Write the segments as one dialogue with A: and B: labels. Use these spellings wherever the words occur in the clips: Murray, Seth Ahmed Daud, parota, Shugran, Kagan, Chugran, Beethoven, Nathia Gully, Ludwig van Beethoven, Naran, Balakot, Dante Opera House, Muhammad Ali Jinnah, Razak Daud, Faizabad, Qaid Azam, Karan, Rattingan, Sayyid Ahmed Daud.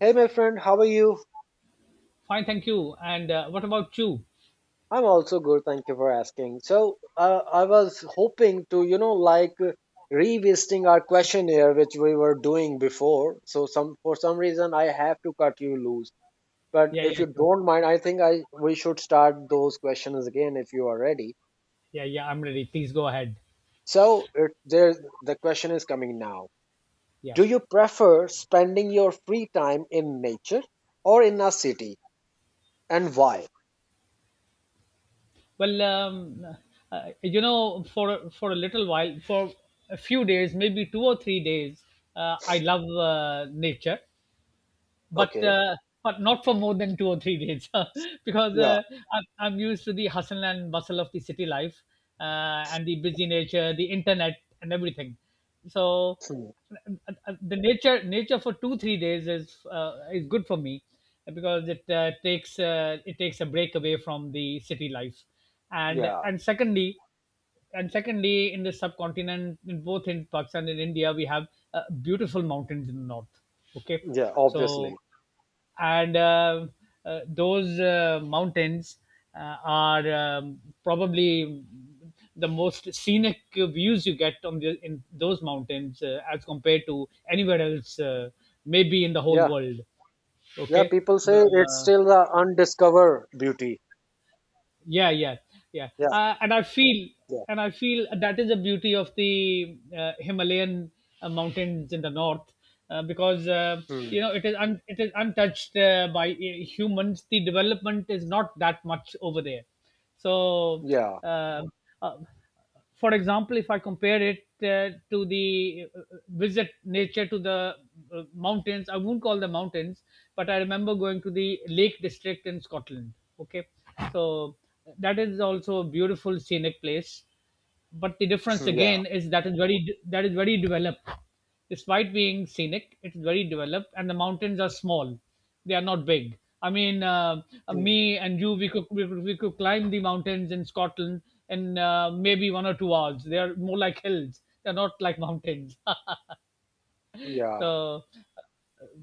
A: Hey, my friend, how are you?
B: Fine, thank you. And what about you?
A: I'm also good. Thank you for asking. So, I was hoping to, like revisiting our questionnaire which we were doing before. So, some for some reason, I have to cut you loose. But
B: Yeah,
A: if
B: yeah,
A: you
B: sure.
A: don't mind, I think I we should start those questions again if you are ready.
B: Yeah, yeah, I'm ready. Please go ahead.
A: So, there the question is coming now.
B: Yeah.
A: Do you prefer spending your free time in nature or in a city, and why?
B: Well, for a little while, for a few days, maybe 2 or 3 days, I love nature. but
A: Okay.
B: uh, but not for more than 2 or 3 days because
A: Yeah.
B: uh, I'm, I'm used to the hustle and bustle of the city life uh, and the busy nature, the internet and everything. So
A: Hmm.
B: the nature for 2 3 days is good for me because it takes a break away from the city life and
A: Yeah.
B: and secondly and secondly, in the subcontinent, in both in Pakistan and India, we have uh, beautiful mountains in the north. Okay.
A: Yeah.
B: So
A: Obviously.
B: and those mountains are probably the most scenic views you get on in those mountains, as compared to anywhere else, maybe in the whole
A: Yeah,
B: world.
A: yeah.
B: Okay.
A: People say it's
B: uh,
A: still the undiscovered beauty.
B: yeah, yeah, yeah.
A: Yeah,
B: uh, and i feel
A: yeah,
B: and i feel that is the beauty of the Himalayan mountains in the north, because
A: hmm.
B: you know, it is untouched by humans. The development is not that much over there. So
A: Yeah,
B: uh, uh, for example, if I compare it to the visit nature to the mountains, I won't call them mountains, but I remember going to the Lake District in Scotland. Okay, so that is also a beautiful scenic place, but the difference
A: hmm. Yeah,
B: again is that is very developed. Despite being scenic, it's very developed, and the mountains are small. They are not big.
A: hmm.
B: Me and you, we could we could climb the mountains in Scotland in maybe 1 or 2 hours. They are more like hills, they're not like mountains.
A: Yeah,
B: So,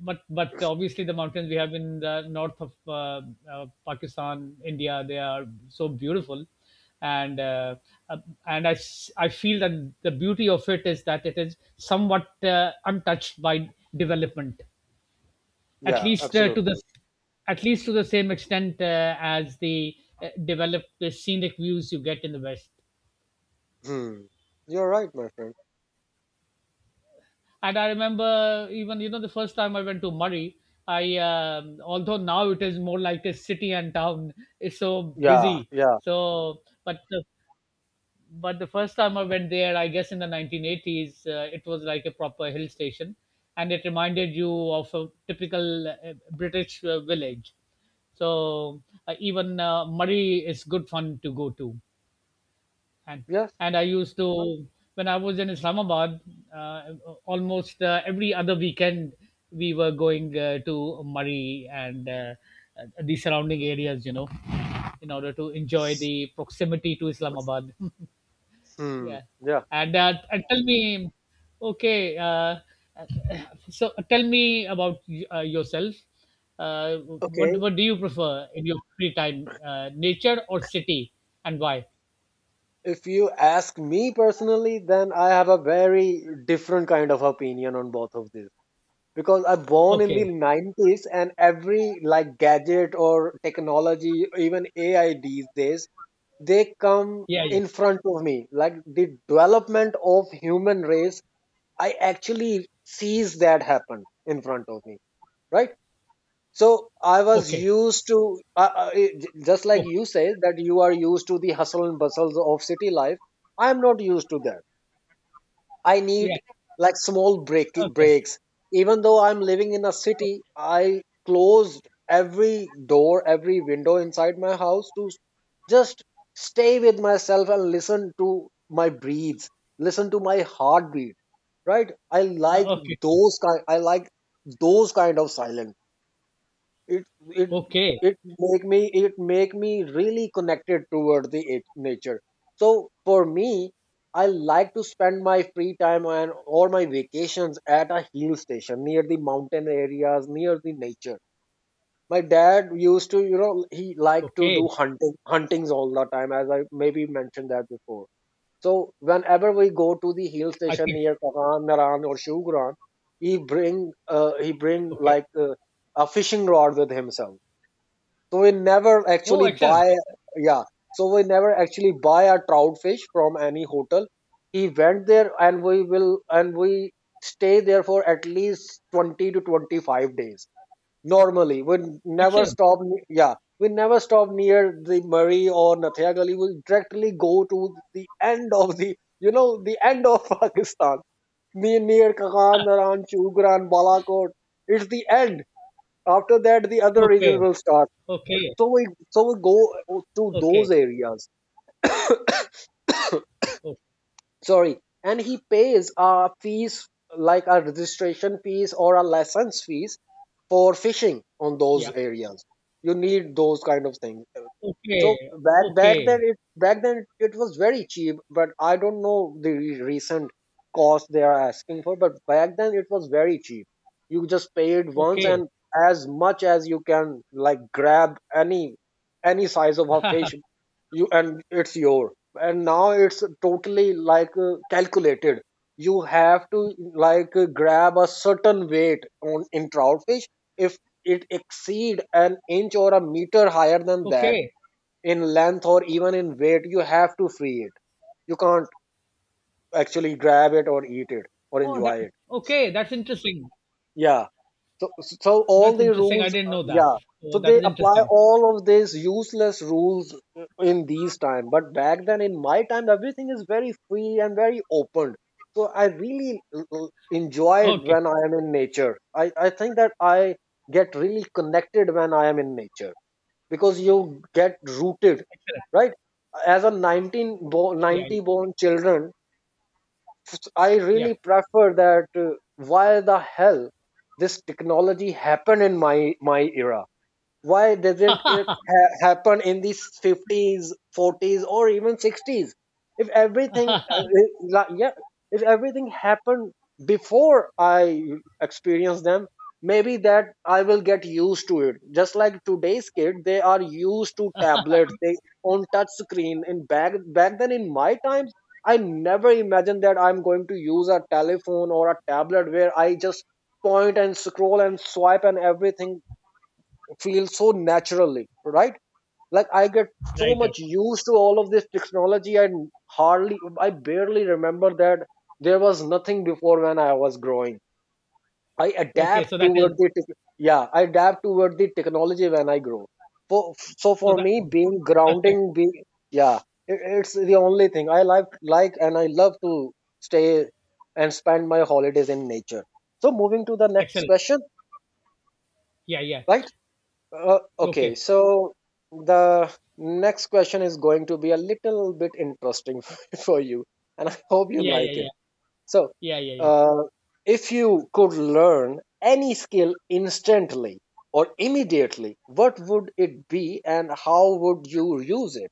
B: but obviously the mountains we have in the north of Pakistan, India, they are so beautiful, and uh, uh, and I feel that the beauty of it is that it is somewhat untouched by development, at
A: yeah.
B: least to the
A: Absolutely.
B: at least to the same extent as the developed scenic views you get in the west.
A: Hmm. You're right, my friend.
B: And I remember, even you know, the first time I went to Murray, I although now it is more like a city and town, is so
A: Yeah,
B: busy.
A: yeah,
B: So but the first time I went there, I guess in the 1980s, it was like a proper hill station, and it reminded you of a typical British village. So even Murray is good fun to go to. And
A: yes.
B: I used to, when I was in Islamabad, uh, almost every other weekend we were going to Murray and the surrounding areas, you know, in order to enjoy the proximity to Islamabad.
A: Hmm.
B: Yeah,
A: Yeah.
B: and and tell me, okay, so tell me about yourself. Uh, what
A: Okay.
B: do you prefer in your free time, nature or city, and why?
A: If you ask me personally, then I have a very different kind of opinion on both of these because I'm born in the
B: Okay,
A: 90s and every like gadget or technology, even AI these days they come
B: yeah, yeah.
A: in front of me like the development of human race. I actually sees that happen in front of me, right. So I was
B: Okay.
A: used to just like
B: Okay.
A: you say that you are used to the hustle and bustles of city life. I am not used to that. I
B: Yeah.
A: need like small
B: Okay.
A: breaks. Even though I'm living in a city, I closed every door, every window inside my house to just stay with myself and listen to my breathes, listen to my heartbeat. Right?
B: Okay.
A: I like those kind of silence. it it
B: Okay.
A: it make me it make me really connected toward the nature. So for me, I like to spend my free time and or my vacations at a hill station near the mountain areas near the nature. My dad used to, he liked to
B: Okay.
A: do huntings all the time as I maybe mentioned that before. So whenever we go to the hill
B: I
A: station
B: think.
A: near Karan, Naran or Shugran, he bring
B: Okay.
A: like a fishing rod with himself. So we never
B: Oh,
A: actually
B: excellent.
A: buy, yeah. So we never actually buy a trout fish from any hotel. He went there, and we stay there for at least 20 to 25 days. Normally, we never
B: Excellent.
A: stop. Yeah, we never stop near the Murray or Nathia Gully. We directly go to the end of the, the end of Pakistan. Near Kagan, Naran, Chugran, Balakot. It's the end. After that, the other
B: Okay.
A: region will start. So
B: Okay.
A: so we so we go to
B: Okay.
A: those areas.
B: Oh,
A: Sorry, and he pays fees like a registration fees or a license fees for fishing on those
B: yeah.
A: areas. You need those kind of things. So
B: Okay. Okay.
A: back then it was very cheap, but I don't know the recent cost they are asking for. But back then it was very cheap. You just paid once,
B: Okay.
A: and as much as you can like grab any size of a fish, you and it's yours. And now it's totally like calculated. You have to like grab a certain weight on in trout fish. If it exceed an inch or a meter higher than that
B: Okay.
A: in length or even in weight, you have to free it. You can't actually grab it or eat it or
B: Oh,
A: enjoy
B: that.
A: it,
B: Okay. That's interesting.
A: yeah. So, all
B: That's
A: the
B: interesting. I
A: rules,
B: didn't know that.
A: yeah. So
B: Oh, that
A: they
B: is
A: apply
B: interesting.
A: all of these useless rules in these time. But back then, in my time, everything is very free and very open. So I really enjoy it
B: Okay.
A: when I am in nature. I think that I get really connected when I am in nature because you get rooted,
B: Excellent.
A: right? As a
B: Yeah.
A: 90 born children, I really
B: Yeah.
A: prefer that why the hell this technology happened in my era. Why doesn't it
B: right.
A: happen in the 50s 40s or even 60s? If everything eh, la- yeah If everything happened before I experience them, maybe that I will get used to it just like today's kid they are used to tablets they on touch screen. And back then in my times, I never imagined that I'm going to use a telephone or a tablet where I just point and scroll and swipe and everything. Feel so naturally, right? Like I get so
B: Right.
A: much used to all of this technology, and hardly I barely remember that there was nothing before when I was growing. i
B: Okay.
A: adapt
B: So that is.
A: toward the tech- yeah I adapt toward the technology when I grow. So
B: So
A: for
B: that.
A: me being
B: Interesting.
A: grounding being, yeah, it's the only thing I like, and I love to stay and spend my holidays in nature. So moving to the next
B: Excellent.
A: question,
B: Yeah. Yeah.
A: right. Okay,
B: Okay.
A: so the next question is going to be a little bit interesting for you, and I hope you
B: Yeah. Yeah.
A: like it.
B: Yeah.
A: So,
B: Yeah. Yeah. Yeah.
A: uh, if you could learn any skill instantly or immediately, what would it be and how would you use it?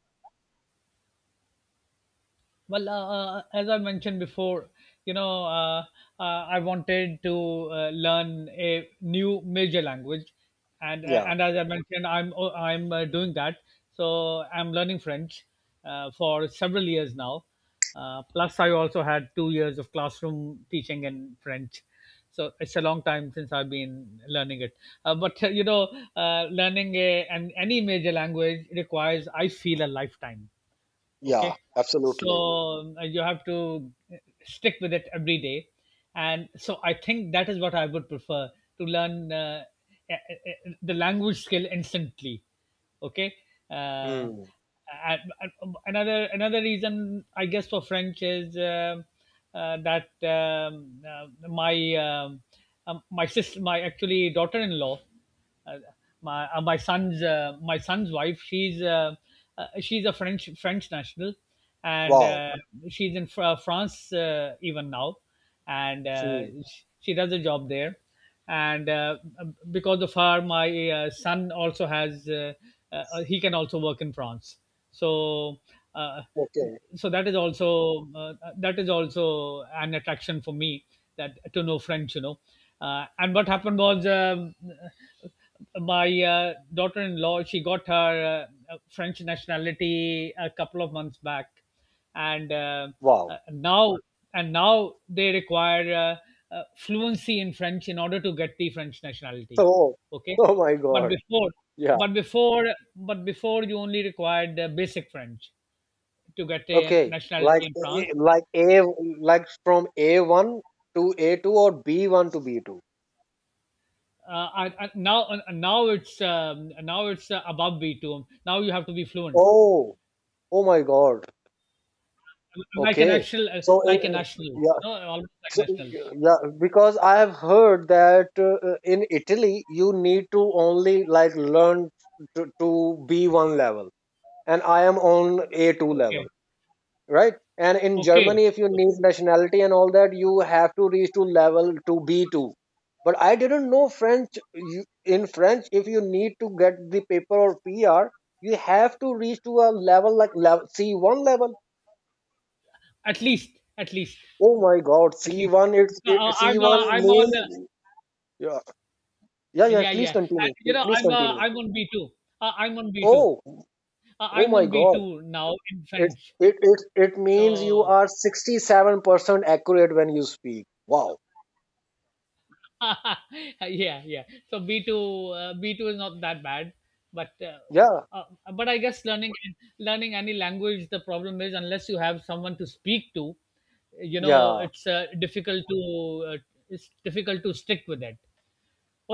B: Well, as I mentioned before, you know, uh, I wanted to learn a new major language,
A: Yeah,
B: and as I mentioned, I'm doing that. So I'm learning French for several years now. Plus, I also had 2 years of classroom teaching in French, so it's a long time since I've been learning it. But learning an any major language requires, I feel, a lifetime.
A: yeah,
B: Okay,
A: absolutely.
B: so you have to stick with it every day, and so I think that is what I would prefer to learn, the language skill instantly. Okay. uh,
A: Mm,
B: and, another reason, I guess, for French is that my my sister my actually daughter-in-law, uh, my son's wife, she's a French national, and
A: wow.
B: she's in France even now, and
A: Hmm,
B: she does a job there. And because of her, my son also has he can also work in France. So uh,
A: okay,
B: so that is also, that is also an attraction for me, that to know French, you know. And what happened was, my daughter-in-law, she got her French nationality a couple of months back, and
A: wow.
B: now, they require fluency in French in order to get the French nationality.
A: So,
B: Okay.
A: oh my
B: But
A: God.
B: before,
A: Yeah.
B: but before you only required basic French to get a
A: Okay,
B: nationality in France.
A: Like from A1 to A2 or B1 to B2.
B: Uh, I, now now it's above B2. Now you have to be fluent,
A: Oh, oh my God.
B: like a
A: Okay,
B: national,
A: so
B: you
A: yeah,
B: know, almost like a
A: so
B: national.
A: yeah, because I have heard that in Italy you need to only like learn to B1 level, and I am on A2
B: Okay,
A: level. Right. And in
B: okay,
A: germany if you need
B: okay.
A: nationality and all that you have to reach to level to B2. But I didn't know french in french if you need to get the paper or PR you have to reach to a level like level, C1 level.
B: At least,
A: Oh my God,
B: at least.
A: C1.
B: Because,
A: C1
B: I'm on.
A: name. Yeah, yeah, yeah,
B: Yeah,
A: please
B: yeah. And
A: continue.
B: you know,
A: Continue
B: I'm on B two. I'm on B two.
A: oh oh
B: I'm
A: my
B: on B
A: God.
B: two now in
A: it
B: French.
A: it means you
B: So
A: are 67% accurate when you speak, wow.
B: yeah, yeah. So B two, B two is not that bad, but uh,
A: Yeah,
B: uh, but I guess learning, any language, the problem is, unless you have someone to speak to, you know,
A: yeah.
B: it's difficult to uh, it's difficult to stick with it.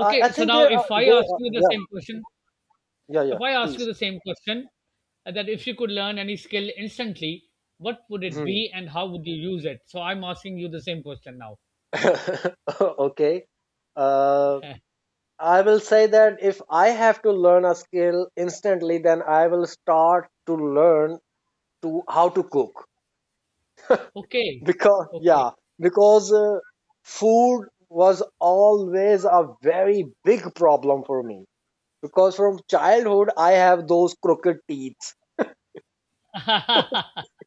A: I
B: so
A: think
B: now
A: there are
B: if I ask you the
A: yeah,
B: same question,
A: yeah, yeah,
B: if I ask you
A: please.
B: the same question, that if you could learn any skill instantly, what would it
A: Mhm.
B: be and how would you use it? So I'm asking you the same question now.
A: Okay, uh, I will say that if I have to learn a skill instantly then I will start to learn to how to cook.
B: okay,
A: because
B: okay.
A: yeah because food was always a very big problem for me because from childhood I have those crooked teeth.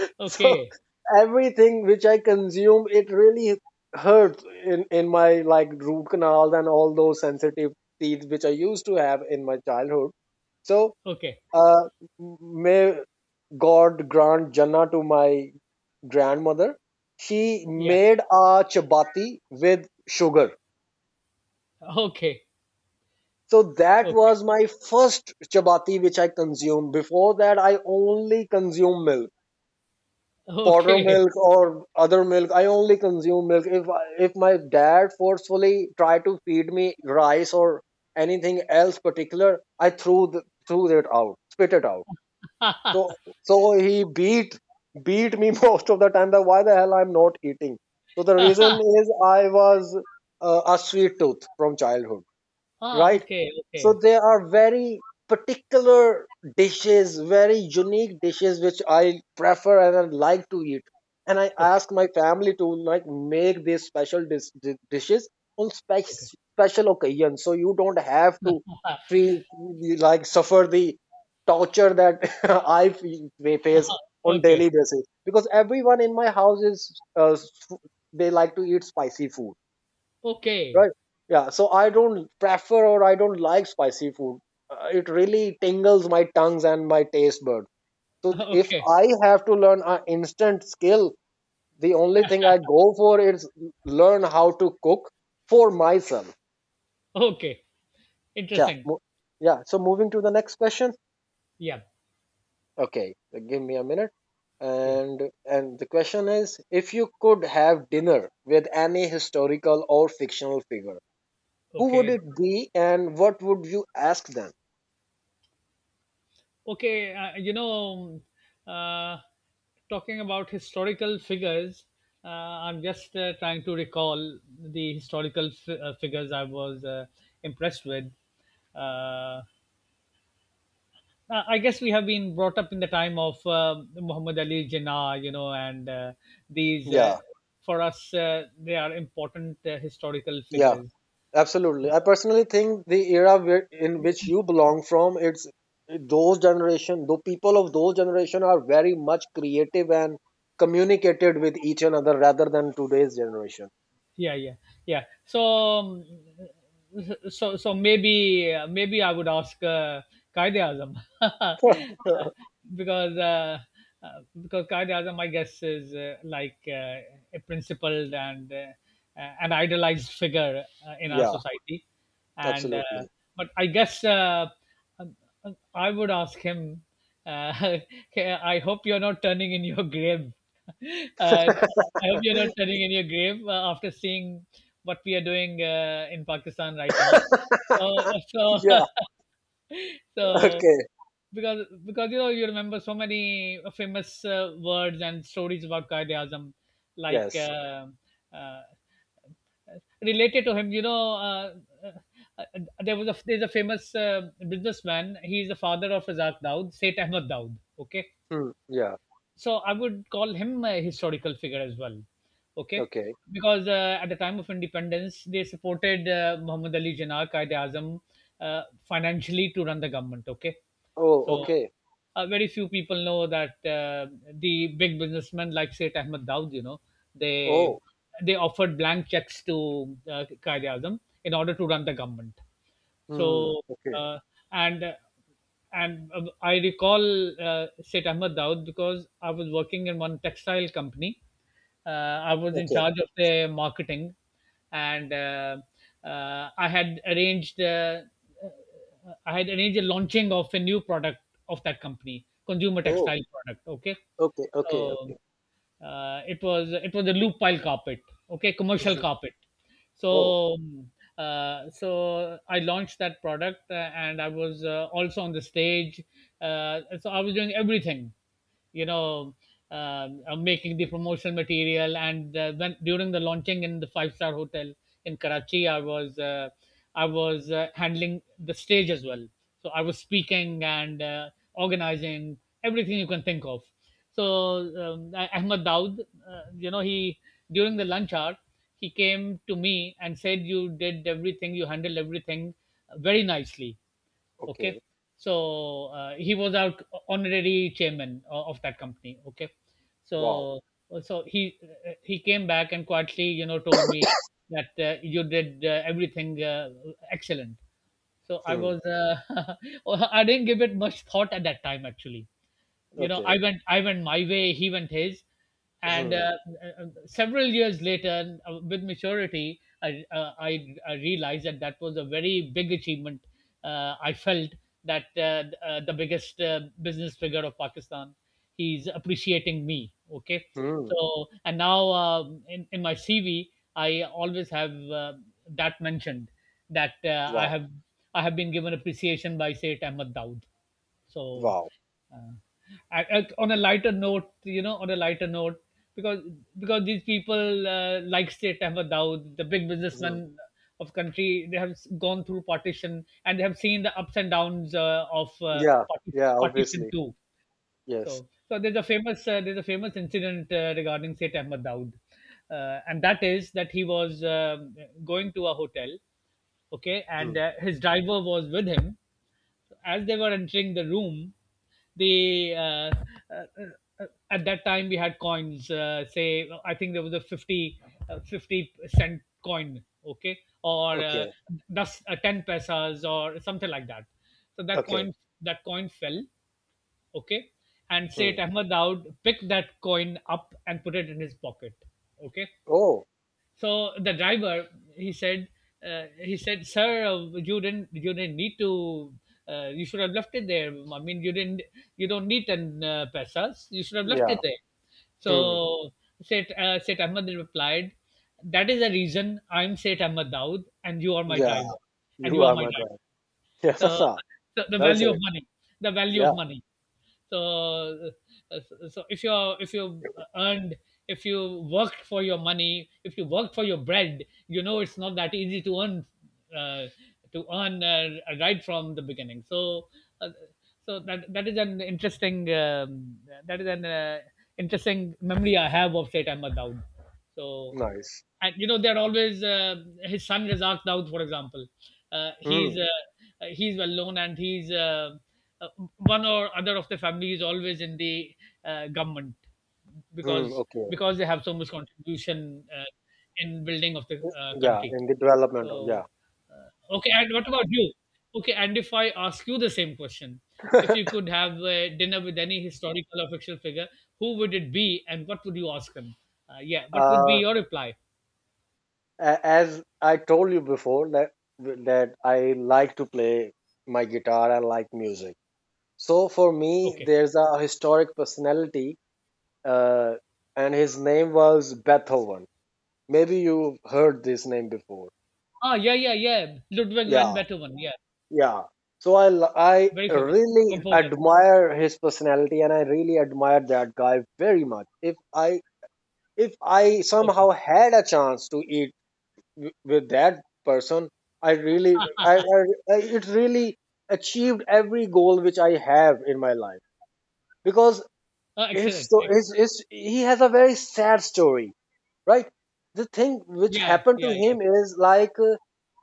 A: So
B: Okay.
A: everything which I consume it really hurts in my like root canals, and all those sensitive teeth which I used to have in my childhood. So
B: Okay.
A: uh, may God grant jannah to my grandmother. She
B: Yeah.
A: made a chapati with sugar.
B: Okay.
A: So that
B: Okay.
A: was my first chapati which I consumed. Before that I only consumed milk, powder
B: Okay.
A: milk or other milk. I only consume milk. If my dad forcefully try to feed me rice or anything else particular, I threw threw it out, spit it out. So he beat beat me most of the time, that why the hell I'm not eating. So the reason is I was a sweet tooth from childhood,
B: Ah,
A: right?
B: okay.
A: So
B: Okay.
A: there are very particular dishes, very unique dishes which I prefer and I like to eat. And I
B: Okay.
A: ask my family to like make these special dishes on
B: Okay.
A: special occasion, so you don't have to feel like suffer the torture that I face on
B: Okay.
A: daily basis. Because everyone in my house is they like to eat spicy food,
B: Okay.
A: right. Yeah. So I don't prefer or I don't like spicy food. It really tingles my tongues and my taste buds. So if
B: Okay.
A: I have to learn an instant skill, the only thing I go for is learn how to cook for myself.
B: Okay.
A: Yeah.
B: Interesting.
A: Yeah. So moving to the next question.
B: Yeah.
A: Okay. Give me a minute.
B: Yeah.
A: And and the question is, if you could have dinner with any historical or fictional figure, who would
B: Okay.
A: it be, and what would you ask them?
B: Okay. You know, uh, talking about historical figures, I'm just trying to recall the historical figures I was impressed with. Uh, I guess we have been brought up in the time of Muhammad Ali Jinnah, you know, and these
A: Yeah.
B: for us, they are important historical
A: Yeah,
B: figures.
A: absolutely.
B: So,
A: I personally think the era where, in which you belong from, it's those generation, the people of those generation are very much creative and communicated with each another rather than today's generation.
B: yeah, yeah so, um, so maybe, maybe I would ask, Qaid Azam, because uh, because Qaid Azam, my guess is, like a principled and an idolized figure in our
A: Yeah,
B: society. And
A: absolutely.
B: but I guess, um, I would ask him. Uh, I hope you're not turning in your grave. Uh, I hope you're not turning in your grave after seeing what we are doing in Pakistan right now. So, so,
A: Yeah.
B: so,
A: Okay.
B: because you know, you remember so many famous words and stories about Qaeda Azam, like
A: Yes.
B: uh, related to him. You know, uh, uh, there's a famous businessman. He's the father of Razak Daud, Seth Ahmed Daud. Okay,
A: Hmm. Yeah.
B: so I would call him a historical figure as well. Okay,
A: Okay.
B: because at the time of independence, they supported Muhammad Ali Jinnah, Qaid Azam, uh, financially to run the government. Okay, so
A: Oh. Okay.
B: very few people know that the big businessmen, like Sayyid Ahmed Daud, you know, they
A: Oh.
B: they offered blank checks to Qaid Azam in order to run the government.
A: Hmm.
B: So
A: Okay.
B: uh, and and I recall Sheikh Ahmed Daud, because I was working in one textile company. Uh, I was in
A: Okay.
B: charge of the marketing, and uh, I had arranged uh, I had arranged a launching of a new product of that company, consumer
A: Oh.
B: textile product. Okay,
A: Okay. Okay.
B: so
A: Okay.
B: it was a loop pile carpet. Okay, commercial
A: Mhm.
B: carpet.
A: Oh.
B: so mm, so I launched that product, and I was also on the stage, so I was doing everything, you know, making the promotional material, and when during the launching in the five-star hotel in Karachi, I was, handling the stage as well. So I was speaking and organizing everything you can think of. So, I, Ahmad Daud, you know, he, during the lunch hour, he came to me and said, "You did everything. You handled everything very nicely." Okay,
A: Okay.
B: so he was our honorary chairman of that company. Okay,
A: Wow.
B: so he he came back and quietly, told me that you did everything excellent. So I
A: Hmm.
B: was I didn't give it much thought at that time actually. You know, i
A: Okay.
B: went i went my way, he went his. And
A: Hmm.
B: Several years later, with maturity, I realized that that was a very big achievement. I felt that the biggest business figure of Pakistan, he's appreciating me. Okay,
A: Hmm.
B: so and now in my CV I always have that mentioned, that i
A: Wow.
B: have i have been given appreciation by Say Ahmed Daud. So,
A: Wow.
B: uh, on a lighter note, on a lighter note, because because these people, like State Ahmed Daud, the big
A: Mhm.
B: businessman of country, they have gone through partition and they have seen the ups and downs uh, of uh,
A: Yeah,
B: parti-
A: yeah,
B: partition
A: obviously.
B: too.
A: Yes.
B: So, so there's a famous incident regarding State Ahmed Daud, and that is that he was going to a hotel, okay, and
A: Mm.
B: his driver was with him. As they were entering the room, they uh, at that time we had coins. Say, I think there was a 50, 50 cent coin, okay, or
A: Okay,
B: thus ten pesas or something like that. So
A: okay.
B: that coin fell, okay, and
A: Mm.
B: Sayyid Ahmad Daud picked that coin up and put it in his pocket, okay.
A: Oh,
B: So the driver, he said, he said, "Sir, you didn't need to, you should have left it there. I mean, you didn't, you don't need 10 pesos, you should have left
A: yeah.
B: it there."
A: Mm.
B: So Seth, Seth Ahmed replied, "That is the reason I'm Seth Ahmed Daud and you are my
A: Yeah,
B: driver. And
A: you
B: you are
A: are
B: my
A: my
B: driver."
A: drive.
B: So,
A: Yeah,
B: so the
A: well
B: value of
A: said.
B: money. The value
A: Yeah,
B: of money. So uh, so if you earned, if you worked for your money, if you worked for your bread, you know, it's not that easy to earn, uh, to earn uh, right from the beginning. So uh, so that is an interesting that is an interesting memory I have of Satan Madaud. So,
A: nice.
B: and you know, they're always his son Razak Daud, for example. Uh, he's
A: Mm.
B: uh, he's well known, and he's uh, one or other of the family is always in the government,
A: Mm.
B: because
A: Okay.
B: because they have so much contribution in building of the
A: Yeah,
B: country.
A: in the development of, yeah.
B: So okay, and what about you? Okay, and if I ask you the same question, if you could have a dinner with any historical or fictional figure, who would it be, and what would you ask him? Yeah, what would be
A: Uh,
B: your reply?
A: as I told you before that I like to play my guitar. I like music. So for me,
B: Okay.
A: there's a historic personality, uh, and his name was Beethoven. Maybe you've heard this name before.
B: Ah, yeah, yeah, yeah. Ludwig van
A: Yeah,
B: Beethoven. Yeah,
A: yeah. So I I
B: very famous
A: really
B: composer.
A: admire his personality and I really admire that guy very much. If I
B: Okay.
A: somehow had a chance to eat with that person, I really I it really achieved every goal which I have in my life because
B: Ah,
A: it's
B: excellent.
A: so
B: Ex-
A: it's he has a very sad story, right? The thing which
B: yeah,
A: happened
B: yeah,
A: to
B: yeah,
A: him is like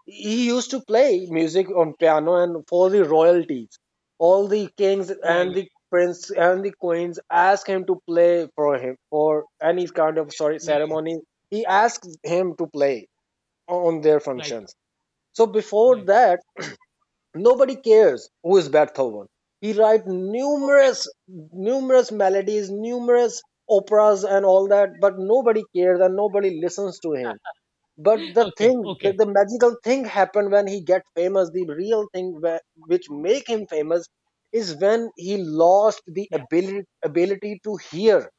A: he used to play music on piano and for the royalties, all the kings
B: yeah,
A: and the
B: yeah,
A: prince and the queens ask him to play for him for any kind of, sorry,
B: yeah, yeah.
A: ceremony. He asks him to play on their
B: Right,
A: functions. So before
B: right.
A: that, nobody cares who is Beethoven. He write
B: Okay,
A: numerous, numerous melodies, numerous operas and all that, but nobody cares and nobody listens to him. But the
B: okay,
A: thing, the,
B: okay.
A: the magical thing happened when he get famous. The real thing which make him famous is when he lost the
B: Yeah,
A: ability ability to hear.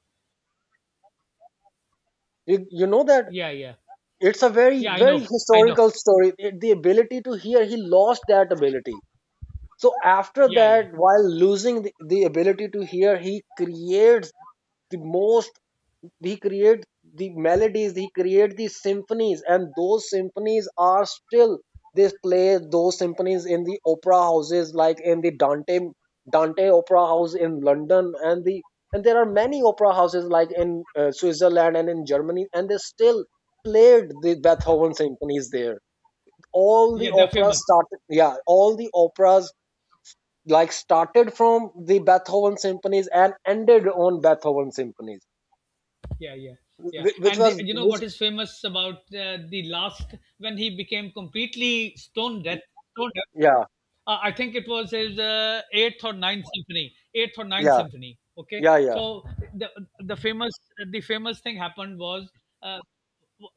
A: You know that
B: yeah, yeah,
A: it's a very
B: yeah. I
A: very
B: know, I know.
A: historical story. It- the ability to hear, he lost that ability. So after
B: Yeah,
A: that,
B: yeah,
A: while losing the ability to hear, he creates the most he creates the melodies, he creates the symphonies, and those symphonies are still, they play those symphonies in the opera houses, like in the Dante Opera House in London, and the and there are many opera houses like in Switzerland and in Germany, and they still played the Beethoven symphonies there. All
B: yeah.
A: the
B: They're famous.
A: operas started, yeah, all the operas like started from the Beethoven symphonies and ended on Beethoven symphonies,
B: Yeah, yeah, yeah.
A: wh- which
B: And
A: was
B: the- you know
A: which
B: what is famous about the last when he became completely stone deaf? Stone deaf.
A: yeah,
B: I think it was his eighth or ninth symphony, eighth or ninth
A: yeah,
B: symphony. Okay,
A: yeah, yeah.
B: so the the famous the famous thing happened was uh,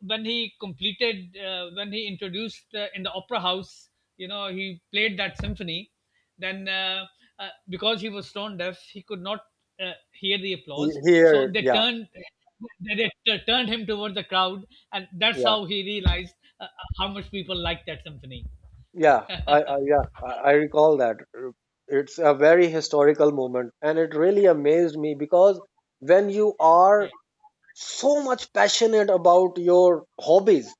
B: when he completed when he introduced in the opera house. You know, he played that symphony. Then, because he was stone deaf, he could not hear the applause. So
A: Here,
B: they
A: yeah,
B: turned, they turned him towards the crowd, and that's
A: yeah,
B: how he realized uh, how much people liked that symphony.
A: yeah. I yeah, I recall that. It's a very historical moment and it really amazed me because when you
B: Yeah,
A: are so much passionate about your hobbies,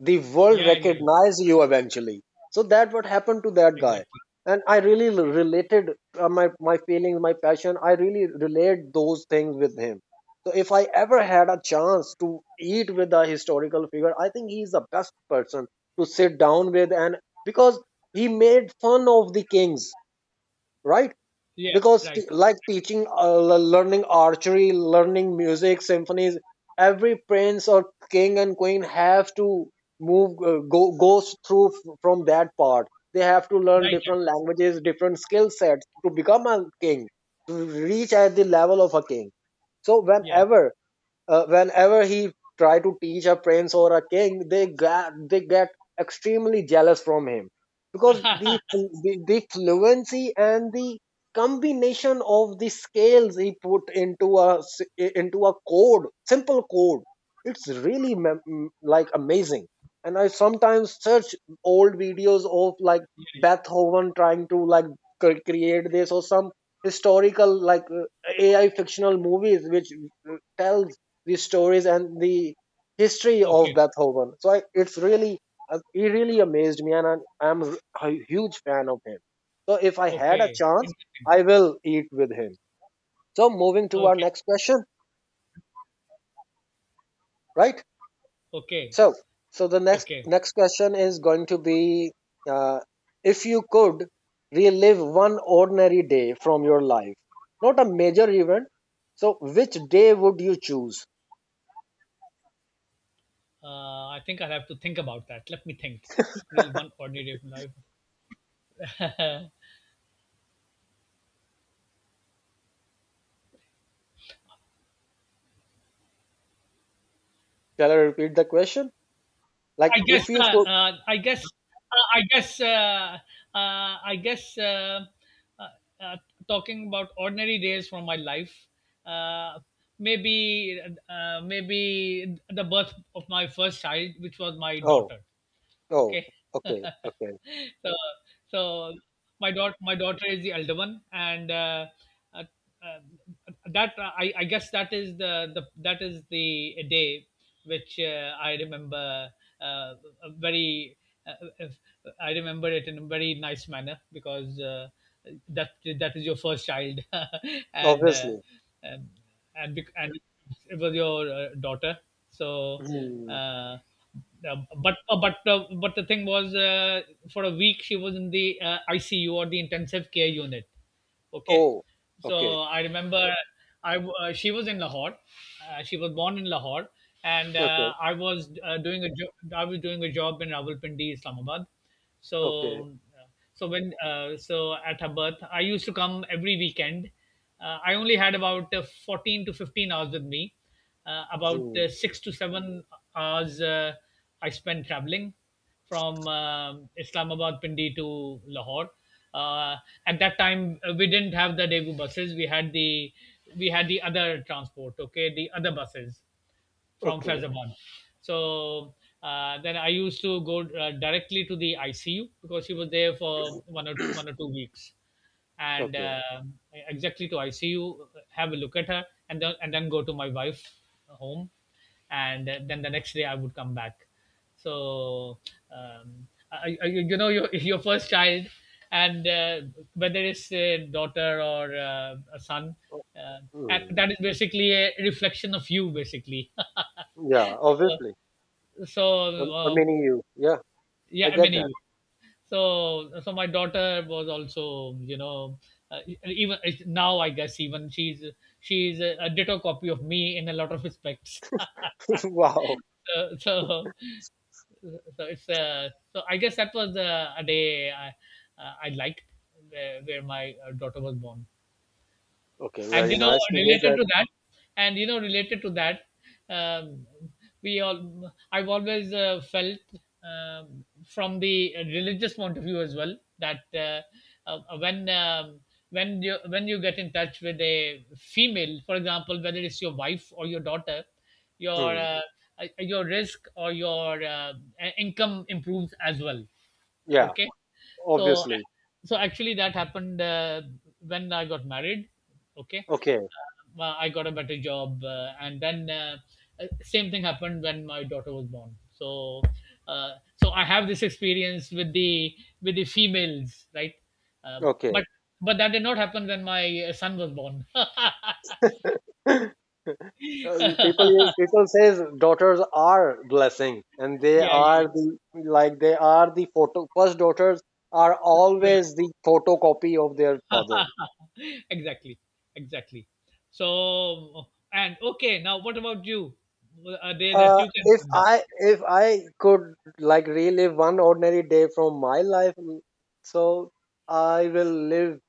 A: the world
B: yeah, yeah, yeah.
A: recognize you eventually. So that what happened to that guy,
B: Exactly.
A: and I really related, my my feelings, my passion, I really relate those things with him. So if I ever had a chance to eat with a historical figure, I think he is the best person to sit down with. And because he made fun of the kings, right?
B: Yeah.
A: Because
B: Right.
A: like teaching, learning archery, learning music symphonies, every prince or king and queen have to move, go goes through from that part. They have to
B: Right.
A: learn different
B: Right.
A: languages, different skill sets to become a king, to reach at the level of a king. So
B: Yeah.
A: whenever, whenever he try to teach a prince or a king, they get extremely jealous from him because
B: Yeah.
A: the fluency and the combination of the scales he put into into a code, simple code, it's really like amazing. And I sometimes search old videos of like
B: Yeah.
A: Beethoven trying to like create this or some historical like AI fictional movies which tells the stories and the history of
B: Okay.
A: Beethoven. So I, it's really he really amazed me, and I'm a huge fan of him. So if I had a
B: Okay.
A: chance,
B: Interesting.
A: I will eat with him. So moving to our
B: Okay.
A: next question, right?
B: Okay.
A: So so the next
B: Okay.
A: next question is going to be, uh, if you could relive one ordinary day from your life, not a major event. So which day would you choose?
B: I think I'll have to think about that. Let me think. Grill one ordinary day of life. I
A: Shall I repeat the question? Like
B: guess.
A: if you could,
B: I guess. I guess. I guess. Uh, uh, talking about ordinary days from my life. Uh, maybe. Maybe the birth of my first child, which was my
A: oh.
B: daughter.
A: Oh,
B: Okay.
A: okay, okay.
B: So, so my daughter is the elder one, and uh, uh, I guess that is the that is the day which I remember uh, a very uh, I remember it in a very nice manner because that that is your first child and
A: Obviously.
B: um, and it was your daughter. So
A: Hmm.
B: uh, uh, but the thing was, for a week she was in the ICU, or the intensive care unit. Okay,
A: Oh, okay,
B: so I remember she was in Lahore. She was born in Lahore, and
A: okay,
B: I was I was doing a job in Rawalpindi, Islamabad.
A: okay.
B: So, uh, so when so at her birth, I used to come every weekend. I only had about 14 to 15 hours with me. About
A: Hmm.
B: 6 to 7 hours I spent traveling from Islamabad, Pindi to Lahore. Uh, at that time, we didn't have the Daegu buses. We had the, we had the other transport. Okay, the other buses from
A: Okay,
B: Faizabad. So then I used to go directly to the ICU because she was there for one or two weeks, and
A: okay.
B: exactly to ICU, have a look at her, and then, and then go to my wife home, and then the next day I would come back. So you know, your first child, and whether it's a daughter or a son,
A: Oh.
B: uh, and
A: Hmm.
B: that is basically a reflection of you, basically.
A: Yeah, obviously.
B: So
A: I'm
B: uh,
A: meaning you. Yeah,
B: yeah,
A: I
B: I
A: get
B: mean,
A: that.
B: anyway. So so my daughter was also, you know, even now I guess, even she's a ditto copy of me in a lot of respects.
A: Wow.
B: So, so so it's so I guess that was a day I I liked, where my daughter was born.
A: Okay,
B: And
A: very
B: you know
A: nice to hear
B: related
A: that.
B: to that, and you know related to that, um, we all I've always felt from the religious point of view as well, that uh, when um, when you, when you get in touch with a female, for example, whether it's your wife or your daughter, your
A: Hmm.
B: uh, your risk or your income improves as well.
A: Yeah,
B: Okay. So
A: obviously.
B: so actually that happened when I got married. Okay.
A: Okay,
B: I got a better job, and then same thing happened when my daughter was born. So, uh, so I have this experience with the, with the females, right? Uh,
A: okay.
B: but that did not happen when my son was born. Yeah,
A: People says daughters are blessing and they
B: yeah,
A: are the, like, they are the photo first, daughters are
B: yeah.
A: always the photocopy of their father.
B: Exactly, exactly. So, and okay, now what about you? A day that
A: Uh,
B: you can
A: if
B: remember.
A: I if I could like relive one ordinary day from my life, mm, so I will live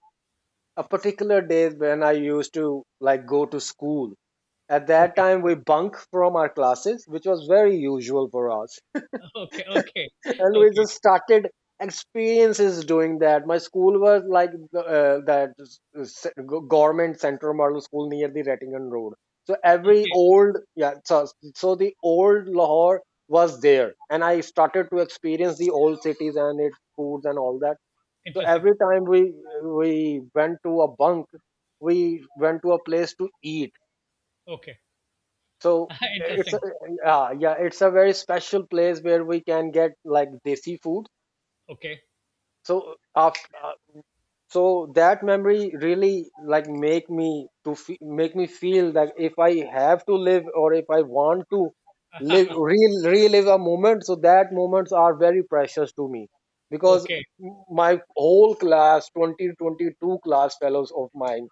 A: a particular day when I used to like go to school. At that
B: Okay,
A: time, we bunk from our classes, which was very usual for us,
B: okay, okay,
A: and we
B: okay,
A: just started experiences doing that. My school was like the, government central model school near the Rattingan road. So every
B: okay.
A: old, yeah, so, so the old Lahore was there and I started to experience the old cities and its foods and all that. So
B: Interesting.
A: every time we went to a bunk, we went to a place to eat.
B: Okay.
A: So it's a,
B: Interesting.
A: yeah, yeah, it's a very special place where we can get like desi food.
B: Okay.
A: So after, so that memory really like make me feel that if I have to live or if I want to live, relive a moment, so that moments are very precious to me because
B: Okay.
A: my whole class, 20 22 class fellows of mine,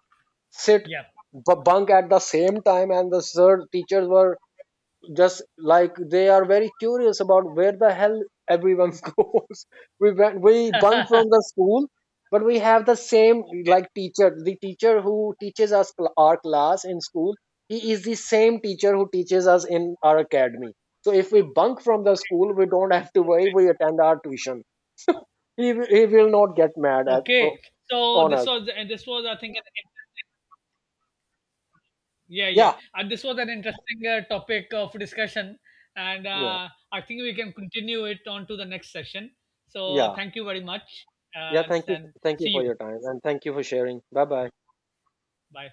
A: sit,
B: Yeah,
A: bunk at the same time, and the sir teachers were just like they are very curious about where the hell everyone goes. We went, we bunk from the school, but we have the same like teacher. The teacher who teaches us our class in school, he is the same teacher who teaches us in our academy. So if we bunk from the school, we don't have to worry, we attend our tuition. He, he will not get mad at
B: okay. So
A: on
B: this
A: us.
B: was, and this was, I think, an, yeah, yeah,
A: Yeah,
B: and this was an interesting topic of discussion. And
A: yeah,
B: I think we can continue it on to the next session. So
A: yeah,
B: thank you very much.
A: yeah,
B: uh,
A: thank you,
B: and
A: thank you
B: see
A: for
B: you.
A: your time and thank you for sharing. Bye bye.
B: Bye.